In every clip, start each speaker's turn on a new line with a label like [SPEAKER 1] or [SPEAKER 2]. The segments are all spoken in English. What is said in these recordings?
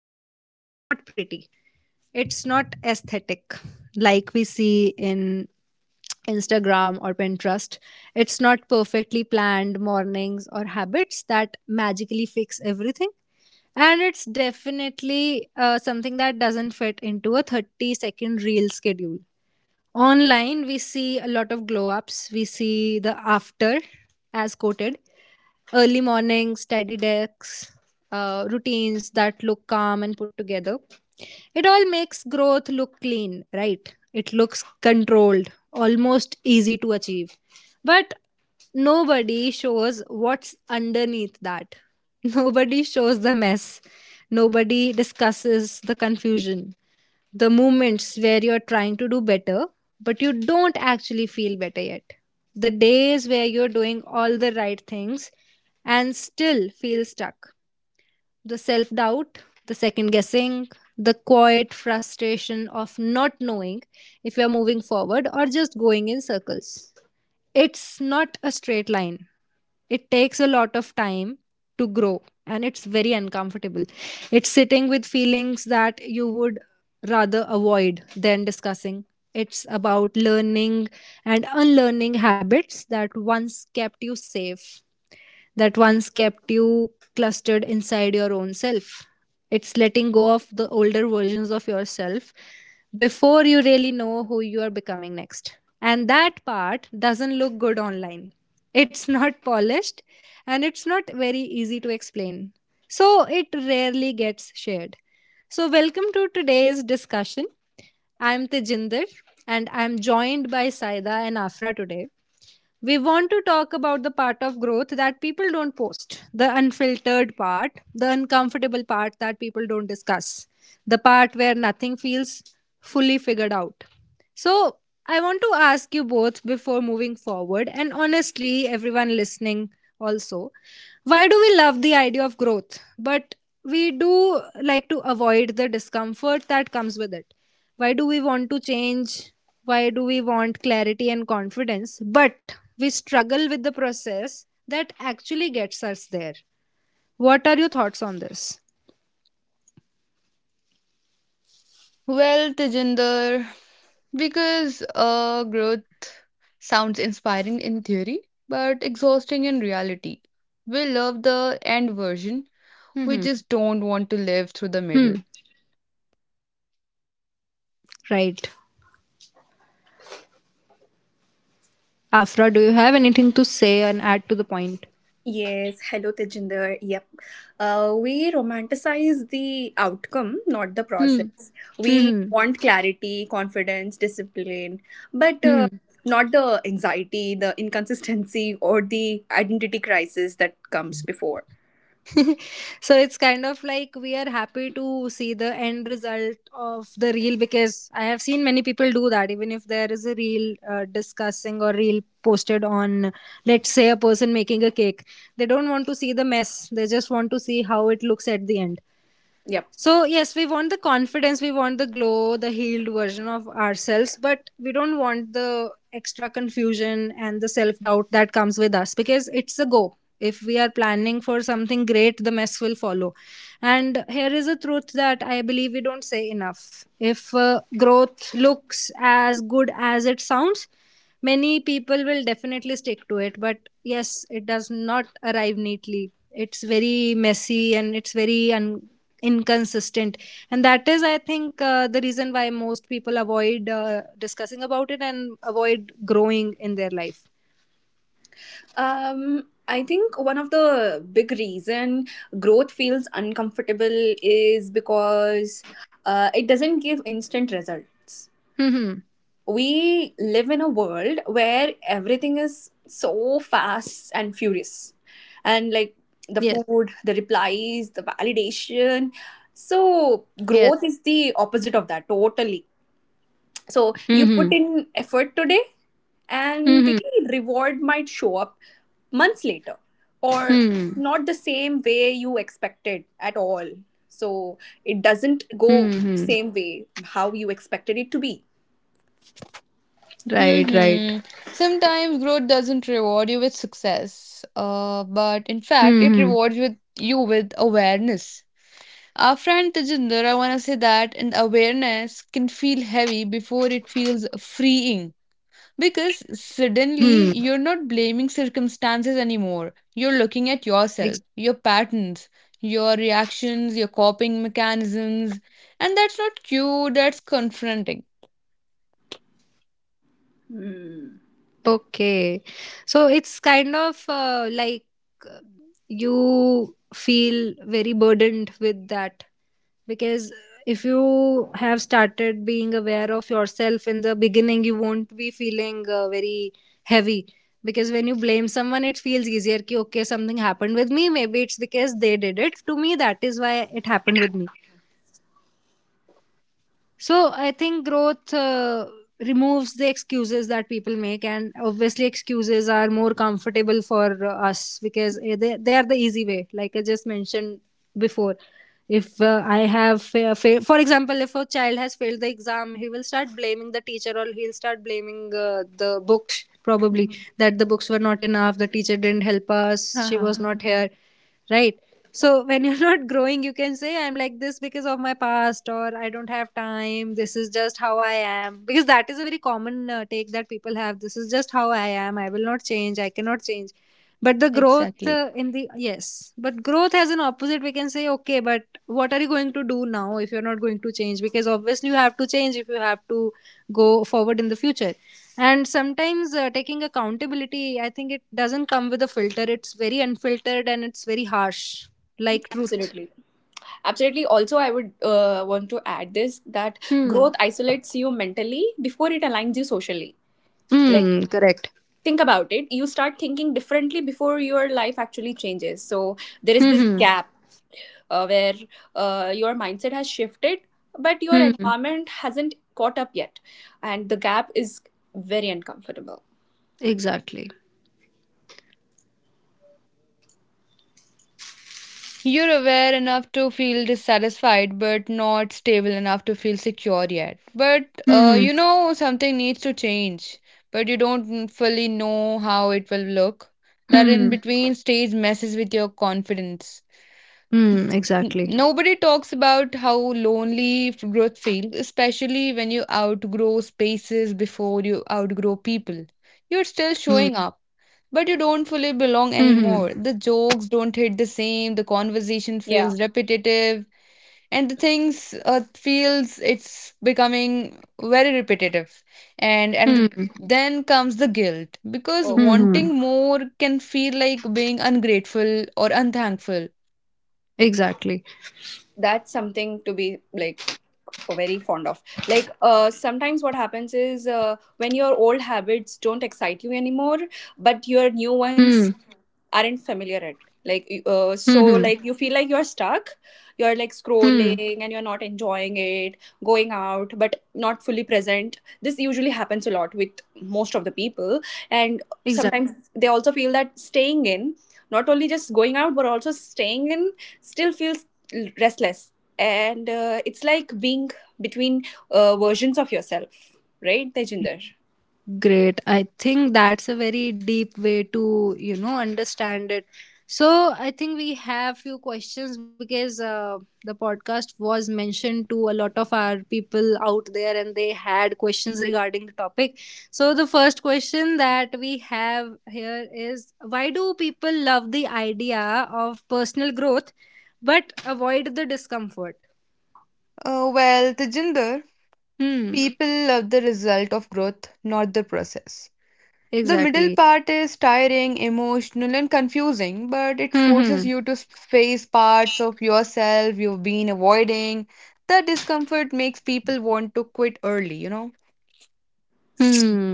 [SPEAKER 1] I believe, it's not pretty. It's not aesthetic like we see in Instagram or Pinterest. It's not perfectly planned mornings or habits that magically fix everything. And it's definitely something that doesn't fit into a 30-second reel schedule. Online, we see a lot of glow ups, we see the after as quoted, early mornings, tidy decks, routines that look calm and put together. It all makes growth look clean, right? It looks controlled, almost easy to achieve. But nobody shows what's underneath that. Nobody shows the mess. Nobody discusses the confusion, the moments where you're trying to do better, but you don't actually feel better yet. The days where you're doing all the right things and still feel stuck. The self doubt, the second guessing, the quiet frustration of not knowing if you're moving forward or just going in circles. It's not a straight line. It takes a lot of time to grow, and it's very uncomfortable. It's sitting with feelings that you would rather avoid than discussing. It's about learning and unlearning habits that once kept you safe, that once kept you clustered inside your own self. It's letting go of the older versions of yourself before you really know who you are becoming next. And that part doesn't look good online. It's not polished, and it's not very easy to explain. So it rarely gets shared. So, welcome to today's discussion. I'm Tejinder, and I'm joined by Saida and Afra. Today we want to talk about the part of growth that people don't post, the unfiltered part, the uncomfortable part that people don't discuss, the part where nothing feels fully figured out. So, I want to ask you both, before moving forward, and honestly, everyone listening also, why do we love the idea of growth, but we do like to avoid the discomfort that comes with it? Why do we want to change? Why do we want clarity and confidence, but we struggle with the process that actually gets us there? What are your thoughts on this?
[SPEAKER 2] Well, Tejinder, because growth sounds inspiring in theory, but exhausting in reality. We love the end version.
[SPEAKER 1] Hmm.
[SPEAKER 2] We just don't want to live through the
[SPEAKER 1] Hmm.
[SPEAKER 2] middle.
[SPEAKER 1] Right. Afra, do you have anything to say and add to the point?
[SPEAKER 3] Yes, hello Tejinder. Yep. We romanticize the outcome, not the
[SPEAKER 1] Hmm.
[SPEAKER 3] process. We
[SPEAKER 1] Hmm.
[SPEAKER 3] want clarity, confidence, discipline, but
[SPEAKER 1] Hmm.
[SPEAKER 3] not the anxiety, the inconsistency, or the identity crisis that comes before.
[SPEAKER 1] So it's kind of like we are happy to see the end result of the reel, because I have seen many people do that. Even if there is a reel discussing, or reel posted on, let's say, a person making a cake, they don't want to see the mess. They just want to see how it looks at the end.
[SPEAKER 3] Yep.
[SPEAKER 1] So, yes, we want the confidence, we want the glow, the healed version of ourselves, but we don't want the extra confusion and the self doubt that comes with us, because it's a go. If we are planning for something great, the mess will follow. And here is a truth that I believe we don't say enough. If growth looks as good as it sounds, many people will definitely stick to it, but yes, it does not arrive neatly. It's very messy and it's very inconsistent, and that is, I think, the reason why most people avoid discussing about it and avoid growing in their life.
[SPEAKER 3] I think one of the big reason growth feels uncomfortable is because it doesn't give instant results.
[SPEAKER 1] Hmm.
[SPEAKER 3] We live in a world where everything is so fast and furious, and like the
[SPEAKER 1] Yes.
[SPEAKER 3] food, the replies, the validation. So
[SPEAKER 1] Yes.
[SPEAKER 3] growth is the opposite of that totally. So you put
[SPEAKER 1] Hmm.
[SPEAKER 3] in effort today, and the
[SPEAKER 1] Hmm.
[SPEAKER 3] reward might show up months later, or
[SPEAKER 1] Hmm.
[SPEAKER 3] not the same way you expected at all. So it doesn't
[SPEAKER 1] Hmm.
[SPEAKER 3] go same way how you expected it to be.
[SPEAKER 1] Right. Right.
[SPEAKER 2] Hmm Sometimes growth doesn't reward you with success, but in fact, it
[SPEAKER 1] Mm-hmm.
[SPEAKER 2] rewards with you with awareness. Our friend Tejinder, I want to say that, and awareness can feel heavy before it feels freeing. Because suddenly you're not blaming circumstances anymore. You're looking at yourself,
[SPEAKER 1] Hmm.
[SPEAKER 2] your patterns, your reactions, your coping mechanisms. And that's not cute, that's confronting.
[SPEAKER 1] Okay. So it's kind of like, uh, you feel very burdened with that, because if you have started being aware of yourself in the beginning, you won't be feeling very heavy. Because when you blame someone, it feels easier. Ki, okay, something happened with me. Maybe it's because they did it to me. That is why it happened with me. So I think growth removes the excuses that people make, and obviously excuses are more comfortable for us, because they are the easy way. Like I just mentioned before, if I have for example, if a child has failed the exam, he will start blaming the teacher, or he'll start blaming the books probably, that the books were not enough, the teacher didn't help us, she
[SPEAKER 2] Haha.
[SPEAKER 1] was not here, right? So when you're not growing, you can say, I'm like this because of my past, or I don't have time, this is just how I am, because that is a very common take that people have. This is just how I am, I will not change, I cannot change. But the growth,
[SPEAKER 2] Exactly.
[SPEAKER 1] in the, yes, but growth has an opposite. We can say, okay, but what are you going to do now if you're not going to change? Because obviously you have to change if you have to go forward in the future. And sometimes, taking accountability, I think, it doesn't come with a filter. It's very unfiltered and it's very harsh, like truth.
[SPEAKER 3] Absolutely. Absolutely. Also, I would want to add this that
[SPEAKER 1] Hmm.
[SPEAKER 3] growth isolates you mentally before it aligns you socially. Like,
[SPEAKER 1] Hmm.
[SPEAKER 3] yeah.
[SPEAKER 1] Correct.
[SPEAKER 3] Think about it. You start thinking differently before your life actually changes. So, there is this
[SPEAKER 1] Hmm.
[SPEAKER 3] gap where your mindset has shifted, but your
[SPEAKER 1] Hmm. Hmm.
[SPEAKER 3] environment hasn't caught up yet. And the gap is very uncomfortable.
[SPEAKER 1] Exactly.
[SPEAKER 2] You're aware enough to feel dissatisfied, but not stable enough to feel secure yet. But uh,
[SPEAKER 1] Hmm.
[SPEAKER 2] you know something needs to change, but you don't fully know how it will look. That in
[SPEAKER 1] Hmm.
[SPEAKER 2] between stage messes with your confidence.
[SPEAKER 1] Hmm. Exactly.
[SPEAKER 2] Nobody talks about how lonely growth feels, especially when you outgrow spaces before you outgrow people. You're still
[SPEAKER 1] Hmm.
[SPEAKER 2] showing up, but you don't fully belong anymore.
[SPEAKER 1] Hmm.
[SPEAKER 2] The jokes don't hit the same, the conversation
[SPEAKER 3] Yeah.
[SPEAKER 2] feels repetitive, and the things feels it's becoming very repetitive. And and th-
[SPEAKER 1] Hmm.
[SPEAKER 2] then comes the guilt because
[SPEAKER 3] Oh,
[SPEAKER 1] Hmm.
[SPEAKER 2] wanting
[SPEAKER 1] Hmm.
[SPEAKER 2] more can feel like being ungrateful or unthankful.
[SPEAKER 1] Exactly.
[SPEAKER 3] that's something to be like very fond of. Like sometimes what happens is when your old habits don't excite you anymore but your new ones
[SPEAKER 1] Hmm.
[SPEAKER 3] aren't familiar at, like so
[SPEAKER 1] Mm-hmm.
[SPEAKER 3] like you feel like you're stuck, you're like
[SPEAKER 1] Hmm.
[SPEAKER 3] scrolling and you're not enjoying it, going out but not fully present. This usually happens a lot with most of the people, and
[SPEAKER 1] Exactly.
[SPEAKER 3] sometimes they also feel that staying in, not only just going out but also staying in, still feels restless. And it's like being between versions of yourself, right Tejinder?
[SPEAKER 1] Great. I think that's a very deep way to, you know, understand it. So I think we have few questions, because the podcast was mentioned to a lot of our people out there, and they had questions regarding the topic. So the first question that we have here is, why do people love the idea of personal growth but avoid the discomfort?
[SPEAKER 2] Well, Tejinder,
[SPEAKER 1] Hmm.
[SPEAKER 2] people love the result of growth, not the process. The middle
[SPEAKER 1] Exactly.
[SPEAKER 2] part is tiring, emotional, and confusing, but it
[SPEAKER 1] Hmm.
[SPEAKER 2] forces
[SPEAKER 1] Hmm.
[SPEAKER 2] you to face parts of yourself you've been avoiding. The discomfort makes people want to quit early, you know?
[SPEAKER 1] Hmm.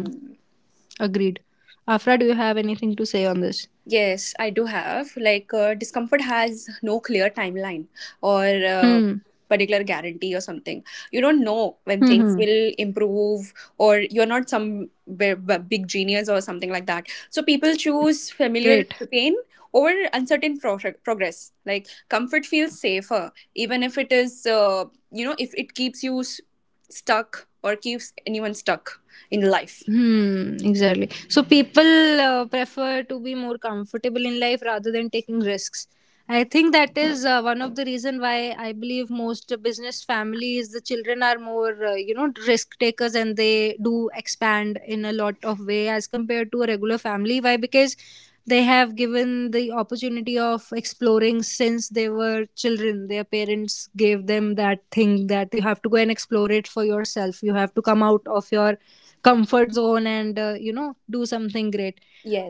[SPEAKER 1] Agreed. Afra, do you have anything to say on this?
[SPEAKER 3] Yes, I do have. Like, discomfort has no clear timeline or
[SPEAKER 1] Hmm.
[SPEAKER 3] particular guarantee or something. You don't know when
[SPEAKER 1] Hmm.
[SPEAKER 3] things
[SPEAKER 1] Hmm.
[SPEAKER 3] will improve, or you're not some big genius or something like that. So, people choose familiar
[SPEAKER 1] Great.
[SPEAKER 3] pain over uncertain progress. Like, comfort feels safer, even if it is, you know, if it keeps you stuck or keeps anyone stuck in life.
[SPEAKER 1] Hmm, exactly. So people prefer to be more comfortable in life rather than taking risks. I think that is one of the reason why I believe most business families, the children are more, you know, risk takers, and they do expand in a lot of way as compared to a regular family. Why? Because they have given the opportunity of exploring since they were children. Their parents gave them that thing, that you have to go and explore it for yourself. You have to come out of your comfort zone and, you know, do something great.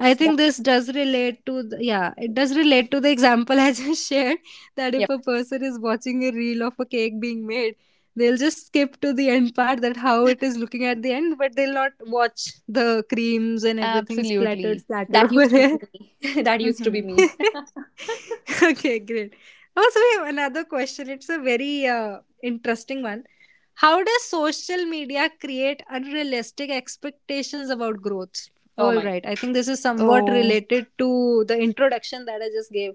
[SPEAKER 1] I think this
[SPEAKER 3] that's,
[SPEAKER 1] does relate to the, yeah, it does relate to the example I just shared, that if
[SPEAKER 3] yep.
[SPEAKER 1] a person is watching a reel of a cake being made, they'll just skip to the end part, that how it is looking at the end, but they'll not watch the creams and everything splattered
[SPEAKER 2] Absolutely.
[SPEAKER 1] splattered
[SPEAKER 3] That
[SPEAKER 1] over
[SPEAKER 3] used to
[SPEAKER 1] there.
[SPEAKER 3] be me. That used to be
[SPEAKER 2] Hmm
[SPEAKER 3] me.
[SPEAKER 1] Okay, great. Also, we have another question. It's a very interesting one. How does social media create unrealistic expectations about growth?
[SPEAKER 3] Oh
[SPEAKER 1] All
[SPEAKER 3] my.
[SPEAKER 1] right, I think this is somewhat
[SPEAKER 2] Oh,
[SPEAKER 1] related to the introduction that I just gave.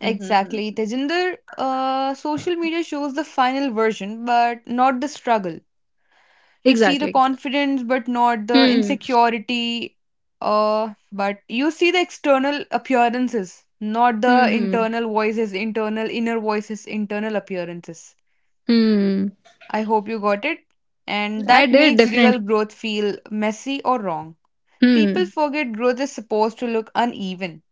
[SPEAKER 2] exactly.
[SPEAKER 3] Hmm.
[SPEAKER 2] Tejinder, social media shows the final version, but not the struggle. You see the
[SPEAKER 1] Exactly.
[SPEAKER 2] confidence but not the
[SPEAKER 1] Hmm.
[SPEAKER 2] insecurity, but you see the external appearances, not the
[SPEAKER 1] Hmm. Hmm.
[SPEAKER 2] internal voices, internal inner voices, internal appearances.
[SPEAKER 1] Hmm.
[SPEAKER 2] I hope you got it. And
[SPEAKER 1] I
[SPEAKER 2] that
[SPEAKER 1] did
[SPEAKER 2] makes
[SPEAKER 1] definitely.
[SPEAKER 2] real growth feel messy or wrong. People
[SPEAKER 1] Hmm.
[SPEAKER 2] forget growth is supposed to look uneven.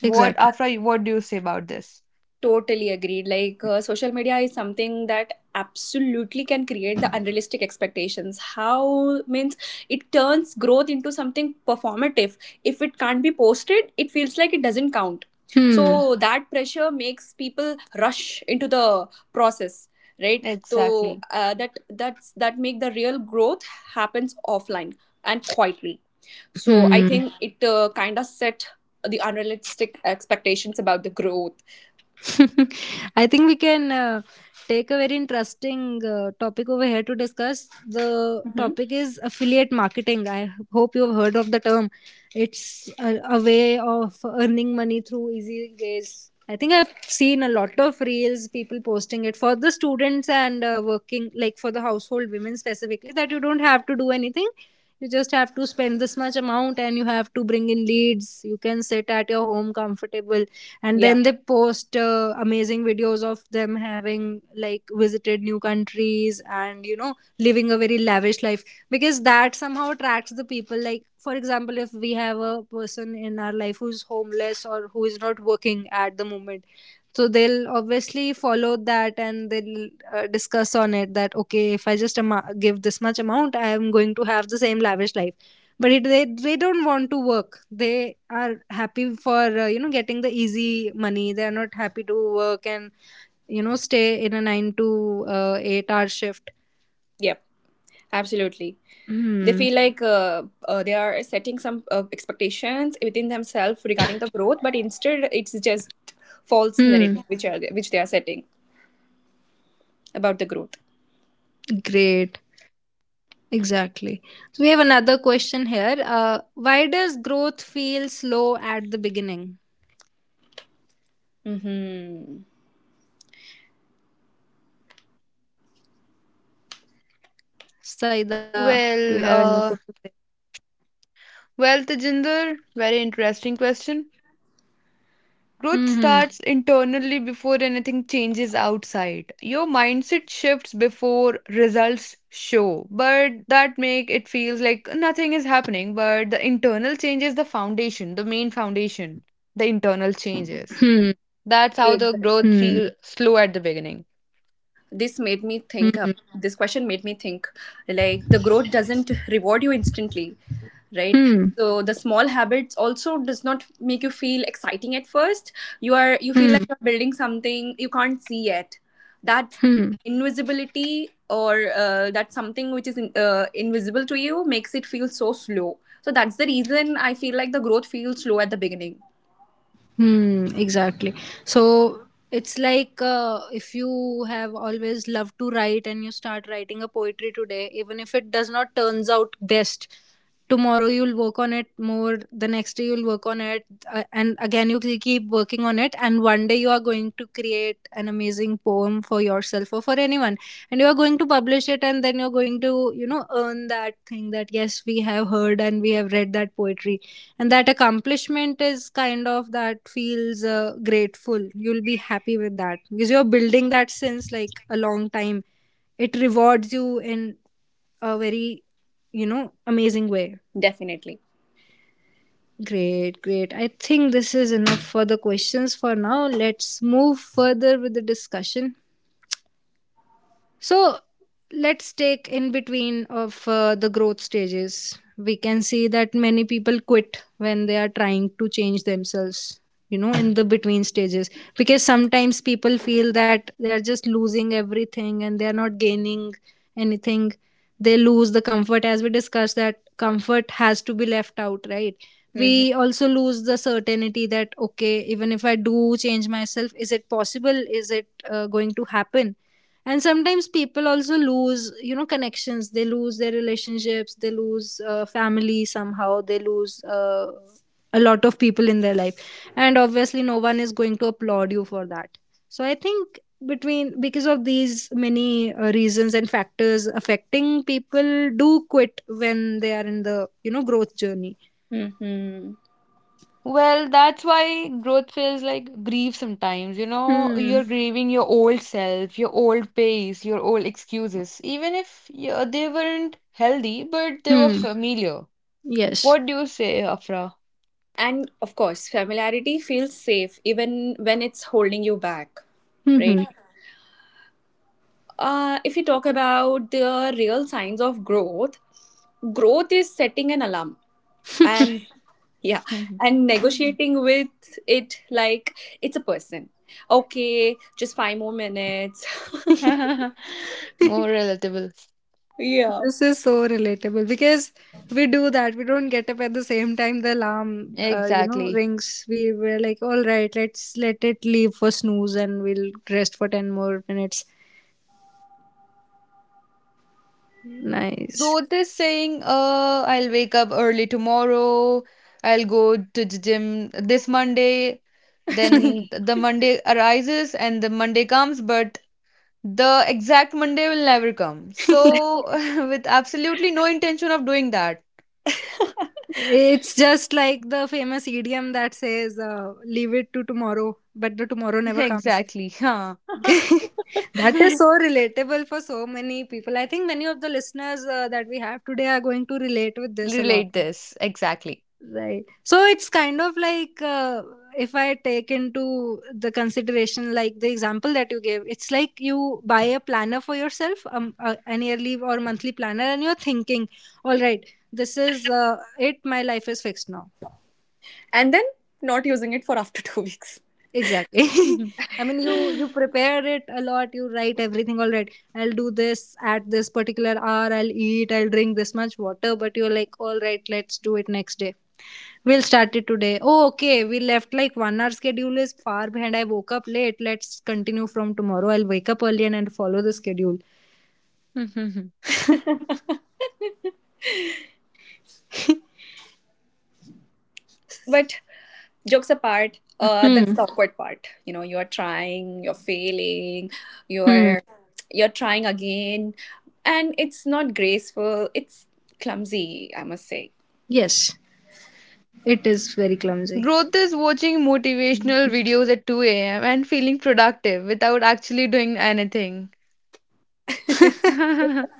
[SPEAKER 2] What,
[SPEAKER 1] Exactly.
[SPEAKER 2] Afra, what do you say about this?
[SPEAKER 3] Totally agreed. Like, social media is something that absolutely can create the unrealistic expectations. How means it turns growth into something performative. If it can't be posted, it feels like it doesn't count.
[SPEAKER 1] Hmm.
[SPEAKER 3] So, that pressure makes people rush into the process, right? So
[SPEAKER 2] Exactly.
[SPEAKER 3] that's that make the real growth happens offline and quietly. So I
[SPEAKER 1] Hmm.
[SPEAKER 3] think it kind of set the unrealistic expectations about the growth.
[SPEAKER 1] I think we can take a very interesting topic over here to discuss. The topic is affiliate marketing. I hope you have heard of the term. It's a way of earning money through easy ways. I think I've seen a lot of reels, people posting it for the students and working, like for the household women specifically, that you don't have to do anything, you just have to spend this much amount and you have to bring in leads, you can sit at your home comfortable, and
[SPEAKER 3] Yeah,
[SPEAKER 1] then they post amazing videos of them having, like, visited new countries, and, you know, living a very lavish life, because that somehow attracts the people. Like, for example, if we have a person in our life who's homeless or who is not working at the moment, so they'll obviously follow that, and they'll discuss on it, that okay, if I just give this much amount, I am going to have the same lavish life. But it, they don't want to work. They are happy for, you know, getting the easy money. They are not happy to work and, you know, stay in a 9 to 8-hour shift.
[SPEAKER 3] yep, absolutely. They
[SPEAKER 1] Hmm.
[SPEAKER 3] feel like they are setting some expectations within themselves regarding the growth, but instead it's just false
[SPEAKER 1] Hmm.
[SPEAKER 3] narrative which are which they are setting about the growth.
[SPEAKER 1] Great. Exactly. So we have another question here, why does growth feel slow at the beginning?
[SPEAKER 3] Mm-hmm.
[SPEAKER 1] Saida, do you have
[SPEAKER 2] well
[SPEAKER 1] anything to
[SPEAKER 2] uh
[SPEAKER 1] say?
[SPEAKER 2] well Tejinder, very interesting question.
[SPEAKER 1] Hmm.
[SPEAKER 2] Growth starts internally before anything changes outside. Your mindset shifts before results show, but that make it feels like nothing is happening, but the internal change is the foundation, the main foundation, the internal
[SPEAKER 1] Hmm.
[SPEAKER 2] changes. That's how the
[SPEAKER 3] Exactly.
[SPEAKER 2] growth
[SPEAKER 1] Hmm.
[SPEAKER 2] feels slow at the beginning.
[SPEAKER 3] This made me think.
[SPEAKER 1] Hmm.
[SPEAKER 3] This question made me think. Like, the growth doesn't reward you instantly. Right.
[SPEAKER 1] Hmm.
[SPEAKER 3] So the small habits also does not make you feel exciting at first. You are, you feel
[SPEAKER 1] Hmm.
[SPEAKER 3] like you're building something you can't see yet. That
[SPEAKER 1] Hmm.
[SPEAKER 3] invisibility or that something which is in, invisible to you makes it feel so slow. So that's the reason I feel like the growth feels slow at the beginning.
[SPEAKER 1] Hmm. Exactly. So it's like, if you have always loved to write and you start writing a poetry today, even if it does not turns out best, tomorrow you'll work on it more. The next day you'll work on it, and again you will keep working on it. And one day you are going to create an amazing poem for yourself or for anyone, and you're going to publish it, and then you're going to earn that thing that, yes, we have heard and we have read that poetry. And that accomplishment is kind of that feels grateful. You'll be happy with that because you're building that since like a long time. It rewards you in a very amazing way.
[SPEAKER 3] Definitely.
[SPEAKER 1] Great, great. I think this is enough for the questions for now. Let's move further with the discussion. So let's take in between of the growth stages. We can see that many people quit when they are trying to change themselves, in the between stages. Because sometimes people feel that they are just losing everything and they are not gaining anything. They lose the comfort, as we discussed, that comfort has to be left out, right?
[SPEAKER 3] Hmm.
[SPEAKER 1] We also lose the certainty that, okay, even if I do change myself, is it possible? Is it going to happen? And sometimes people also lose connections. They lose their relationships. They lose family. Somehow they lose a lot of people in their life, and obviously no one is going to applaud you for that. So I think between, because of these many reasons and factors affecting, people do quit when they are in the growth journey.
[SPEAKER 3] Hmm.
[SPEAKER 2] Well, that's why growth feels like grief sometimes. You know,
[SPEAKER 1] Hmm.
[SPEAKER 2] you're grieving your old self, your old pace, your old excuses, even if you they weren't healthy, but they were
[SPEAKER 1] Hmm.
[SPEAKER 2] familiar.
[SPEAKER 1] Yes.
[SPEAKER 2] What do you say, Afra?
[SPEAKER 3] And of course familiarity feels safe even when it's holding you back, right?
[SPEAKER 1] Hmm.
[SPEAKER 3] If you talk about the real signs of growth, growth is setting an alarm and, yeah, and
[SPEAKER 2] Mm.
[SPEAKER 3] negotiating with it, like it's a person. Okay, just five more minutes.
[SPEAKER 2] More relatable.
[SPEAKER 3] Yeah.
[SPEAKER 1] This is so relatable because we do that. We don't get up at the same time the alarm,
[SPEAKER 2] Exactly.
[SPEAKER 1] rings. We were like, all right, let's let it leave for snooze and we'll rest for 10 more minutes. Nice.
[SPEAKER 2] Growth is saying, I'll wake up early tomorrow, I'll go to the gym this Monday. Then the Monday arises and the Monday comes, but the exact Monday will never come. So, with absolutely no intention of doing that.
[SPEAKER 1] It's just like the famous idiom that says, leave it to tomorrow, but the tomorrow never comes.
[SPEAKER 2] Exactly. Huh.
[SPEAKER 1] That is so relatable for so many people. I think many of the listeners that we have today are going to relate with this a lot.
[SPEAKER 2] Relate this. Exactly.
[SPEAKER 1] Right. So it's kind of like if I take into the consideration, like the example that you gave, it's like you buy a planner for yourself, an yearly or monthly planner, and you're thinking, all right, this is it. My life is fixed now.
[SPEAKER 3] And then not using it for after 2 weeks.
[SPEAKER 1] Exactly.
[SPEAKER 2] Mhm.
[SPEAKER 1] I mean, you prepare it a lot. You write everything. All right, I'll do this at this particular hour. I'll eat. I'll drink this much water. But you're like, all right, let's do it next day. We'll start it today. Oh, okay. We left like one hour schedule is far behind. I woke up late. Let's continue from tomorrow. I'll wake up early, and follow the schedule.
[SPEAKER 2] Mhm.
[SPEAKER 3] But jokes apart, that's the
[SPEAKER 1] Hmm.
[SPEAKER 3] awkward part. You know, you're trying, you're failing,
[SPEAKER 1] Hmm.
[SPEAKER 3] you're you're trying again, and it's not graceful. It's clumsy, I must say.
[SPEAKER 1] Yes. It is very clumsy.
[SPEAKER 2] Growth is watching motivational videos at 2 a.m. and feeling productive without actually doing anything.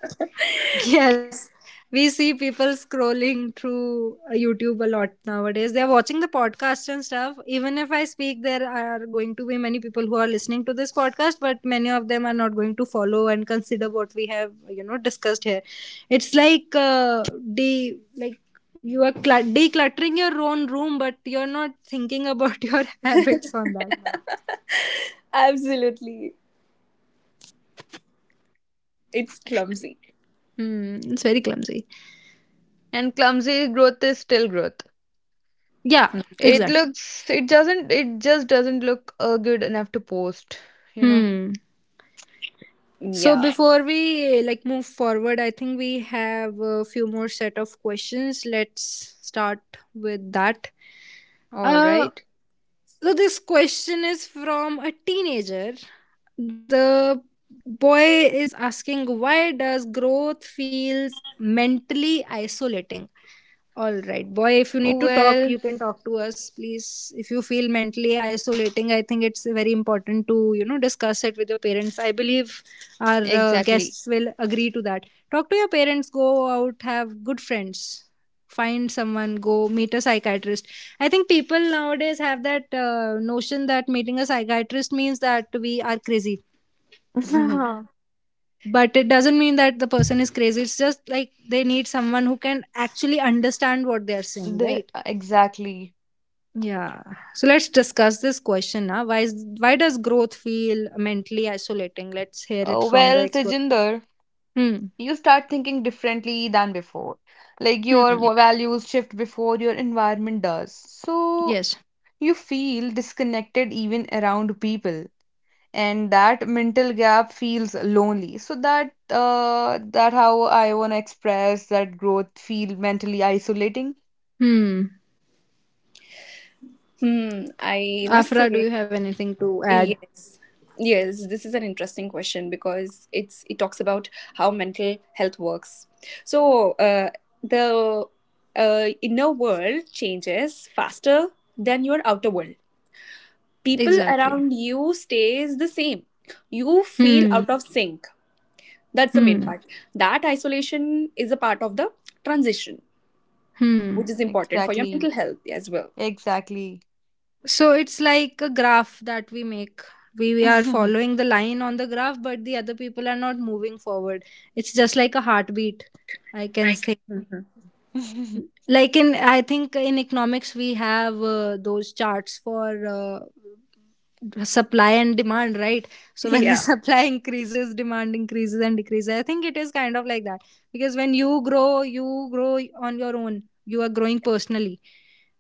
[SPEAKER 1] Yes, we see people scrolling through YouTube a lot nowadays. They're watching the podcast and stuff. Even if I speak, there are going to be many people who are listening to this podcast, but many of them are not going to follow and consider what we have, discussed here. It's like de like you are decluttering your own room, but you're not thinking about your habits on that.
[SPEAKER 3] Absolutely, it's clumsy.
[SPEAKER 1] Hmm, it's very clumsy.
[SPEAKER 2] and clumsy growth is still growth.
[SPEAKER 1] Yeah,
[SPEAKER 3] Hmm.
[SPEAKER 2] It
[SPEAKER 1] exactly.
[SPEAKER 2] looks, it doesn't, it just doesn't look good enough to post, you know.
[SPEAKER 1] Hmm. So
[SPEAKER 3] Yeah.
[SPEAKER 1] before we like move forward, I think we have a few more set of questions. Let's start with that.
[SPEAKER 2] All
[SPEAKER 1] Uh,
[SPEAKER 2] right.
[SPEAKER 1] so this question is from a teenager. The boy is asking, why does growth feels mentally isolating? All right, boy, if you need to talk,
[SPEAKER 2] Well,
[SPEAKER 1] you can talk to us, please. If you feel mentally isolating, I think it's very important to, discuss it with your parents. I believe our
[SPEAKER 2] exactly.
[SPEAKER 1] guests will agree to that. Talk to your parents, go out, have good friends, find someone, go meet a psychiatrist. I think people nowadays have that notion that meeting a psychiatrist means that we are crazy, but it doesn't mean that the person is crazy. It's just like they need someone who can actually understand what they are saying,
[SPEAKER 2] The,
[SPEAKER 1] right?
[SPEAKER 2] exactly.
[SPEAKER 1] Yeah. So let's discuss this question now. Why does growth feel mentally isolating? Let's hear it
[SPEAKER 2] Uh,
[SPEAKER 1] from the
[SPEAKER 2] well,
[SPEAKER 1] expert.
[SPEAKER 2] Tejinder,
[SPEAKER 1] Hmm.
[SPEAKER 2] you start thinking differently than before. Like your
[SPEAKER 1] Hmm.
[SPEAKER 2] values shift before your environment does. So
[SPEAKER 1] Yes.
[SPEAKER 2] you feel disconnected even around people. And that mental gap feels lonely. So that how I wanna express that growth feel mentally isolating.
[SPEAKER 1] Hmm.
[SPEAKER 3] Hmm. I must
[SPEAKER 1] Afra, do
[SPEAKER 3] say.
[SPEAKER 1] you have anything to add?
[SPEAKER 3] Yes. Yes, this is an interesting question because it's, it talks about how mental health works. So, the inner world changes faster than your outer world. People
[SPEAKER 1] Exactly.
[SPEAKER 3] around you stays the same. You feel
[SPEAKER 1] Hmm.
[SPEAKER 3] out of sync. That's the main
[SPEAKER 1] Hmm.
[SPEAKER 3] part. That isolation is a part of the transition,
[SPEAKER 1] Hmm.
[SPEAKER 3] which is important for your mental
[SPEAKER 2] Exactly.
[SPEAKER 3] health as well.
[SPEAKER 2] Exactly.
[SPEAKER 1] So it's like a graph that we make. We are following the line on the graph, but the other people are not moving forward. It's just like a heartbeat, I can
[SPEAKER 3] I can.
[SPEAKER 1] say.
[SPEAKER 2] Mm-hmm.
[SPEAKER 1] Like, in, I think in economics we have those charts for supply and demand, right? So when the
[SPEAKER 3] Yeah.
[SPEAKER 1] supply increases, demand increases and decreases. I think it is kind of like that because when you grow, you grow on your own. You are growing personally,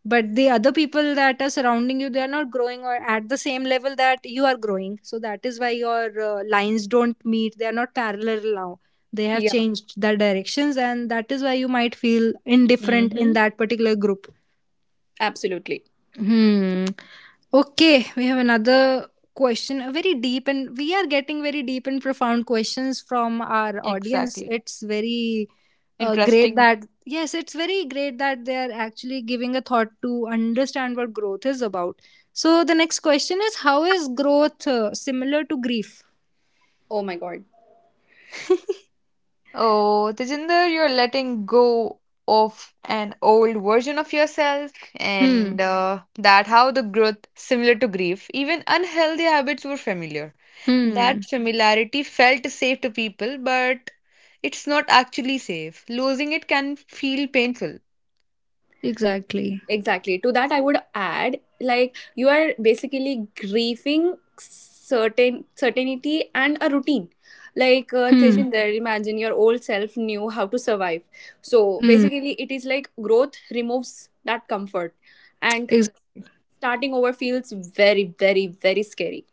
[SPEAKER 1] but the other people that are surrounding you, they are not growing or at the same level that you are growing. So that is why your lines don't meet. They are not parallel now. They have
[SPEAKER 3] Yeah,
[SPEAKER 1] changed their directions, and that is why you might feel indifferent in that particular group.
[SPEAKER 3] absolutely.
[SPEAKER 1] Hmm. Okay, we have another question, a very deep, and we are getting very deep and profound questions from our audience.
[SPEAKER 2] Exactly.
[SPEAKER 1] It's very great
[SPEAKER 2] Interesting.
[SPEAKER 1] that, yes, it's very great that they are actually giving a thought to understand what growth is about. So the next question is, how is growth similar to grief?
[SPEAKER 3] Oh my God.
[SPEAKER 2] Oh, Tejinder, you're letting go of an old version of yourself, and
[SPEAKER 1] Hmm.
[SPEAKER 2] that how the growth, similar to grief, even unhealthy habits were familiar. That
[SPEAKER 1] Hmm.
[SPEAKER 2] Mm. familiarity felt safe to people, but it's not actually safe. Losing it can feel painful.
[SPEAKER 1] Exactly.
[SPEAKER 3] Exactly. To that, I would add, like, you are basically grieving certain certainty and a routine. Like
[SPEAKER 1] Hmm.
[SPEAKER 3] Tejinder, imagine your old self knew how to survive. So
[SPEAKER 1] Hmm.
[SPEAKER 3] basically, it is like growth removes that comfort, and
[SPEAKER 1] Ex-
[SPEAKER 3] starting over feels very, very, very scary.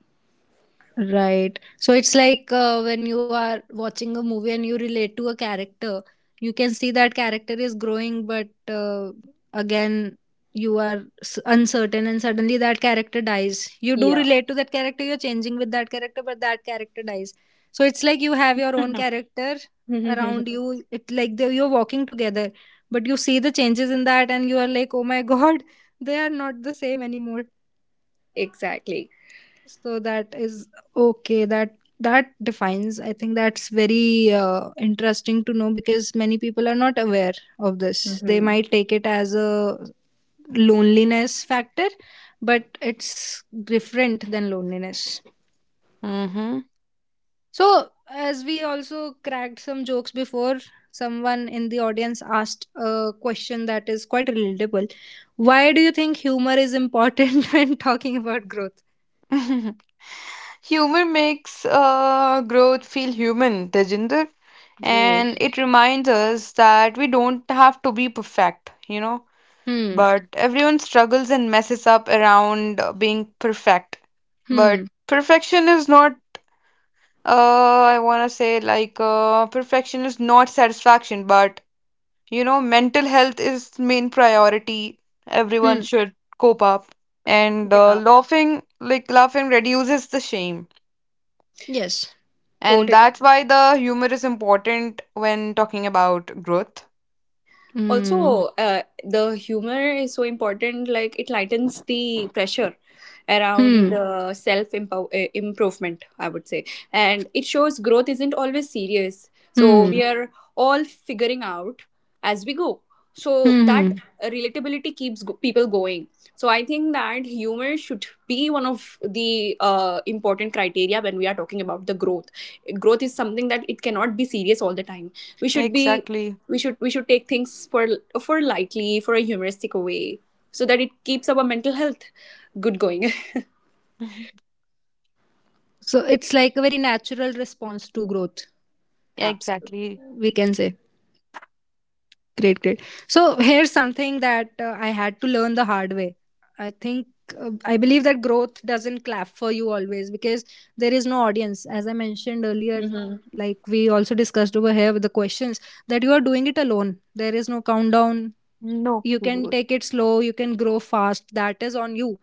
[SPEAKER 1] Right. So it's like when you are watching a movie and you relate to a character, you can see that character is growing, but again, you are uncertain, and suddenly that character dies. You do
[SPEAKER 3] Yeah.
[SPEAKER 1] relate to that character, you're changing with that character, but that character dies. So it's like you have your own character around you. It, like, they, you're walking together, but you see the changes in that, and you are like, oh my god, they are not the same anymore.
[SPEAKER 3] Exactly.
[SPEAKER 1] So that is, okay, that defines, I think. That's very interesting to know because many people are not aware of this. They
[SPEAKER 3] Hmm.
[SPEAKER 1] might take it as a loneliness factor, but it's different than loneliness.
[SPEAKER 2] Mm-hmm.
[SPEAKER 1] So as we also cracked some jokes before, someone in the audience asked a question that is quite relatable. Why do you think humor is important when talking about growth?
[SPEAKER 2] Humor makes growth feel human, Tejinder,
[SPEAKER 1] Great.
[SPEAKER 2] and it reminds us that we don't have to be perfect, you know.
[SPEAKER 1] Hmm.
[SPEAKER 2] But everyone struggles and messes up around being perfect. But
[SPEAKER 1] Hmm.
[SPEAKER 2] perfection is not, I want to say, like, perfection is not satisfaction, but you know, mental health is main priority. Everyone
[SPEAKER 1] Hmm.
[SPEAKER 2] should cope up. And
[SPEAKER 3] Yeah.
[SPEAKER 2] laughing, like, laughing reduces the shame.
[SPEAKER 1] Yes.
[SPEAKER 2] And
[SPEAKER 3] Totally.
[SPEAKER 2] that's why the humor is important when talking about growth.
[SPEAKER 1] Hmm.
[SPEAKER 3] Also the humor is so important, like it lightens the pressure around
[SPEAKER 1] Hmm.
[SPEAKER 3] the self improvement, I would say. And it shows growth isn't always serious, so we
[SPEAKER 1] Hmm.
[SPEAKER 3] are all figuring out as we go. So
[SPEAKER 1] Hmm.
[SPEAKER 3] that
[SPEAKER 1] Hmm.
[SPEAKER 3] relatability keeps people going. So I think that humor should be one of the important criteria when we are talking about the growth. Growth is something that it cannot be serious all the time. we should be
[SPEAKER 2] Exactly.
[SPEAKER 3] we should we should take things for lightly, for a humoristic way, so that it keeps our mental health good going.
[SPEAKER 1] So it's like a very natural response to growth, we can say.
[SPEAKER 3] Absolutely.
[SPEAKER 2] Exactly.
[SPEAKER 1] Great, great. So here's something that I had to learn the hard way. I think I believe that growth doesn't clap for you always because there is no audience. As I mentioned earlier,
[SPEAKER 3] Mhm.
[SPEAKER 1] like we also discussed over here with the questions, that you are doing it alone. There is no countdown.
[SPEAKER 2] No
[SPEAKER 1] You can
[SPEAKER 2] kudos.
[SPEAKER 1] take it slow, you can grow fast. That is on you,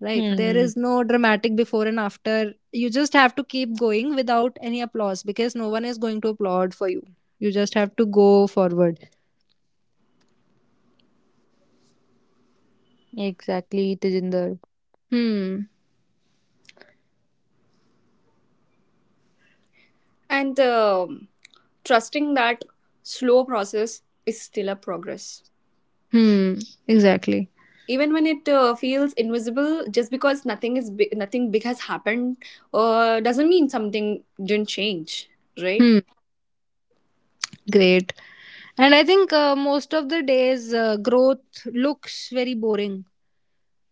[SPEAKER 1] right? There
[SPEAKER 2] Hmm.
[SPEAKER 1] is no dramatic before and after. You just have to keep going without any applause because no one is going to applaud for you. You just have to go forward.
[SPEAKER 2] Exactly, Tejinder.
[SPEAKER 1] Hmm.
[SPEAKER 3] And trusting that slow process is still a progress,
[SPEAKER 1] Hmm. Exactly.
[SPEAKER 3] even when it feels invisible. Just because nothing is big, nothing big has happened, doesn't mean something didn't change, right?
[SPEAKER 1] Hmm. Great. And I think, most of the days, growth looks very boring.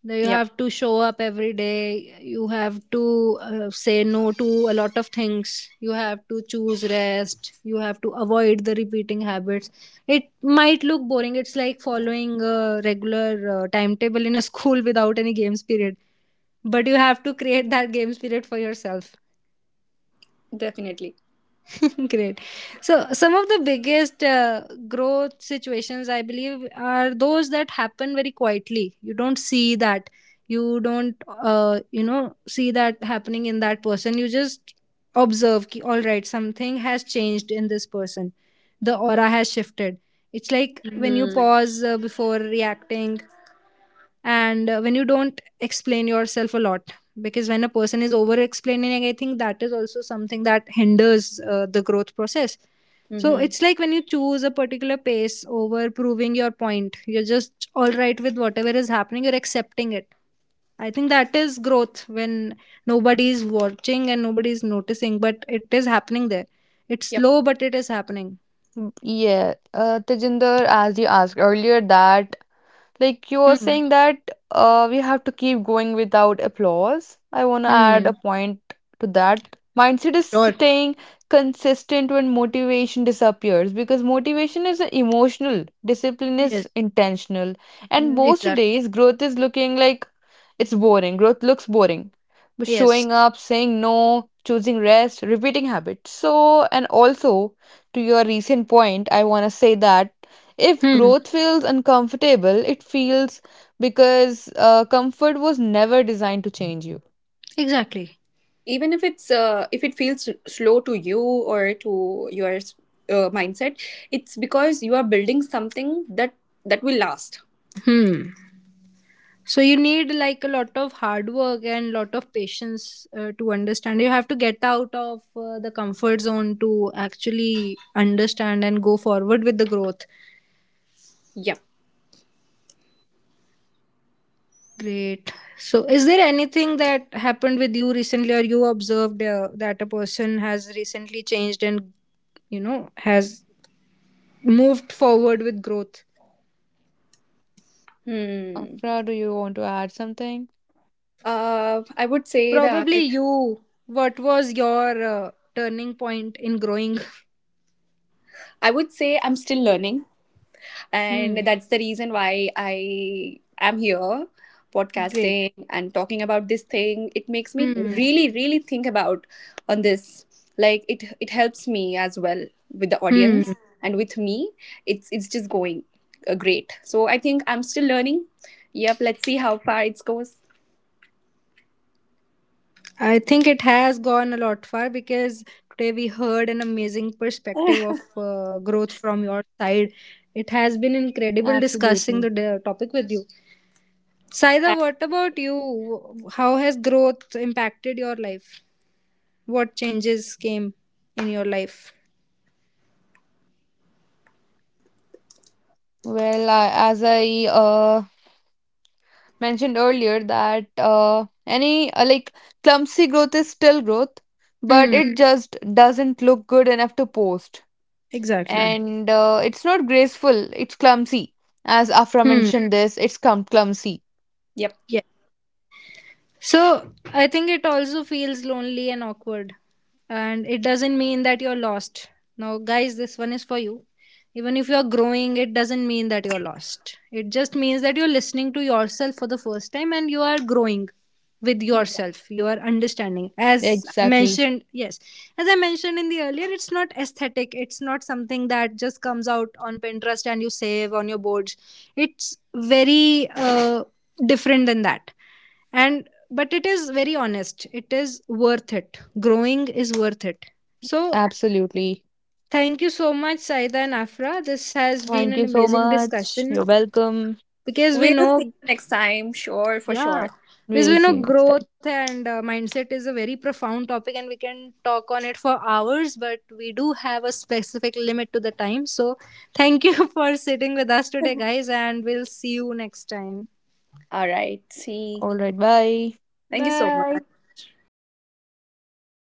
[SPEAKER 1] That You
[SPEAKER 3] Yep.
[SPEAKER 1] have to show up every day. You have to say no to a lot of things. You have to choose rest. You have to avoid the repeating habits. It might look boring. It's like following a regular timetable in a school without any games period. But you have to create that games period for yourself.
[SPEAKER 3] Definitely.
[SPEAKER 1] Great. So, some of the biggest growth situations, I believe, are those that happen very quietly. You don't see that. You don't, you know, See that happening in that person. You just observe, ki, all right, something has changed in this person. The aura has shifted. It's like when you
[SPEAKER 3] Mm-hmm.
[SPEAKER 1] pause before reacting, and when you don't explain yourself a lot because when a person is over explaining, I think that is also something that hinders the growth process. So
[SPEAKER 3] Mm-hmm.
[SPEAKER 1] it's like when you choose a particular pace over proving your point, you're just all right with whatever is happening, you're accepting it. I think that is growth, when nobody is watching and nobody is noticing, but it is happening there. It's
[SPEAKER 3] Yep.
[SPEAKER 1] slow, but it is happening.
[SPEAKER 2] Mm, yeah, Tejinder, as you asked earlier, that like you were
[SPEAKER 1] Hmm.
[SPEAKER 2] saying that we have to keep going without applause. I want to add a
[SPEAKER 1] Hmm.
[SPEAKER 2] point to that. Mindset is
[SPEAKER 1] Sure.
[SPEAKER 2] staying consistent when motivation disappears because motivation is emotional, discipline is
[SPEAKER 1] Yes.
[SPEAKER 2] intentional, and most
[SPEAKER 1] Exactly.
[SPEAKER 2] days growth is looking like it's boring. Growth looks boring. But
[SPEAKER 1] Yes.
[SPEAKER 2] showing up, saying no, choosing rest, repeating habits. So, and also to your recent point, I want to say that if
[SPEAKER 1] Hmm.
[SPEAKER 2] growth feels uncomfortable, it feels because comfort was never designed to change you.
[SPEAKER 1] Exactly.
[SPEAKER 3] Even if it's if it feels slow to you or to your mindset, it's because you are building something that, that will last.
[SPEAKER 1] Hmm. So you need like a lot of hard work and lot of patience to understand. You have to get out of the comfort zone to actually understand and go forward with the growth.
[SPEAKER 3] Yeah.
[SPEAKER 1] Great. So is there anything that happened with you recently, or you observed that a person has recently changed and has moved forward with growth?
[SPEAKER 3] Hmm.
[SPEAKER 2] Afra, do you want to add something?
[SPEAKER 3] I would say that,
[SPEAKER 1] Probably you What was your turning point in growing?
[SPEAKER 3] I would say I'm still learning. And
[SPEAKER 1] Hmm.
[SPEAKER 3] that's the reason why I am here,
[SPEAKER 1] Great.
[SPEAKER 3] podcasting and talking about this thing. It makes me
[SPEAKER 1] Hmm.
[SPEAKER 3] really, really think about on this. Like, it helps me as well with the audience
[SPEAKER 1] Hmm.
[SPEAKER 3] and with me. It's just going great. So I think I'm still learning. Yep, let's see how far it goes.
[SPEAKER 1] I think it has gone a lot far because today we heard an amazing perspective of growth from your side. It has been incredible discussing
[SPEAKER 2] Absolutely.
[SPEAKER 1] the topic with you. Saida, what about you? How has growth impacted your life? What changes came in your life?
[SPEAKER 2] Well, as I mentioned earlier, that any like clumsy growth is still growth, but
[SPEAKER 1] Hmm,
[SPEAKER 2] it Mhm. just doesn't look good enough to post. Right.
[SPEAKER 1] exactly.
[SPEAKER 2] And it's not graceful, it's clumsy. As Afra
[SPEAKER 1] Hmm.
[SPEAKER 2] mentioned this, it's clum clumsy.
[SPEAKER 3] Yep.
[SPEAKER 1] So I think it also feels lonely and awkward. And it doesn't mean that you're lost. Now, guys, this one is for you. Even if you're growing, it doesn't mean that you're lost. It just means that you're listening to yourself for the first time, and you are growing with yourself. You are understanding. As I
[SPEAKER 2] Exactly.
[SPEAKER 1] mentioned, yes, as I mentioned in the earlier, it's not aesthetic. It's not something that just comes out on Pinterest and you save on your boards. It's very different than that. And but it is very honest, it is worth it, growing is worth it. So
[SPEAKER 2] Absolutely.
[SPEAKER 1] thank you so much, Saida and Afra. This has been
[SPEAKER 2] Thank
[SPEAKER 1] an
[SPEAKER 2] you so
[SPEAKER 1] amazing
[SPEAKER 2] much.
[SPEAKER 1] discussion
[SPEAKER 2] You're welcome.
[SPEAKER 1] because we
[SPEAKER 3] We'll see
[SPEAKER 1] know.
[SPEAKER 3] you next time. Sure, for
[SPEAKER 1] Yeah,
[SPEAKER 3] sure.
[SPEAKER 1] because
[SPEAKER 2] We'll
[SPEAKER 1] we
[SPEAKER 2] see
[SPEAKER 1] know
[SPEAKER 2] you next
[SPEAKER 1] growth
[SPEAKER 2] time.
[SPEAKER 1] and mindset is a very profound topic, and we can talk on it for hours, but we do have a specific limit to the time. So thank you for sitting with us today, guys, and we'll see you next time.
[SPEAKER 3] All right. See.
[SPEAKER 2] All right. Bye.
[SPEAKER 3] Thank you so
[SPEAKER 1] Bye.
[SPEAKER 3] much.
[SPEAKER 1] Thank you.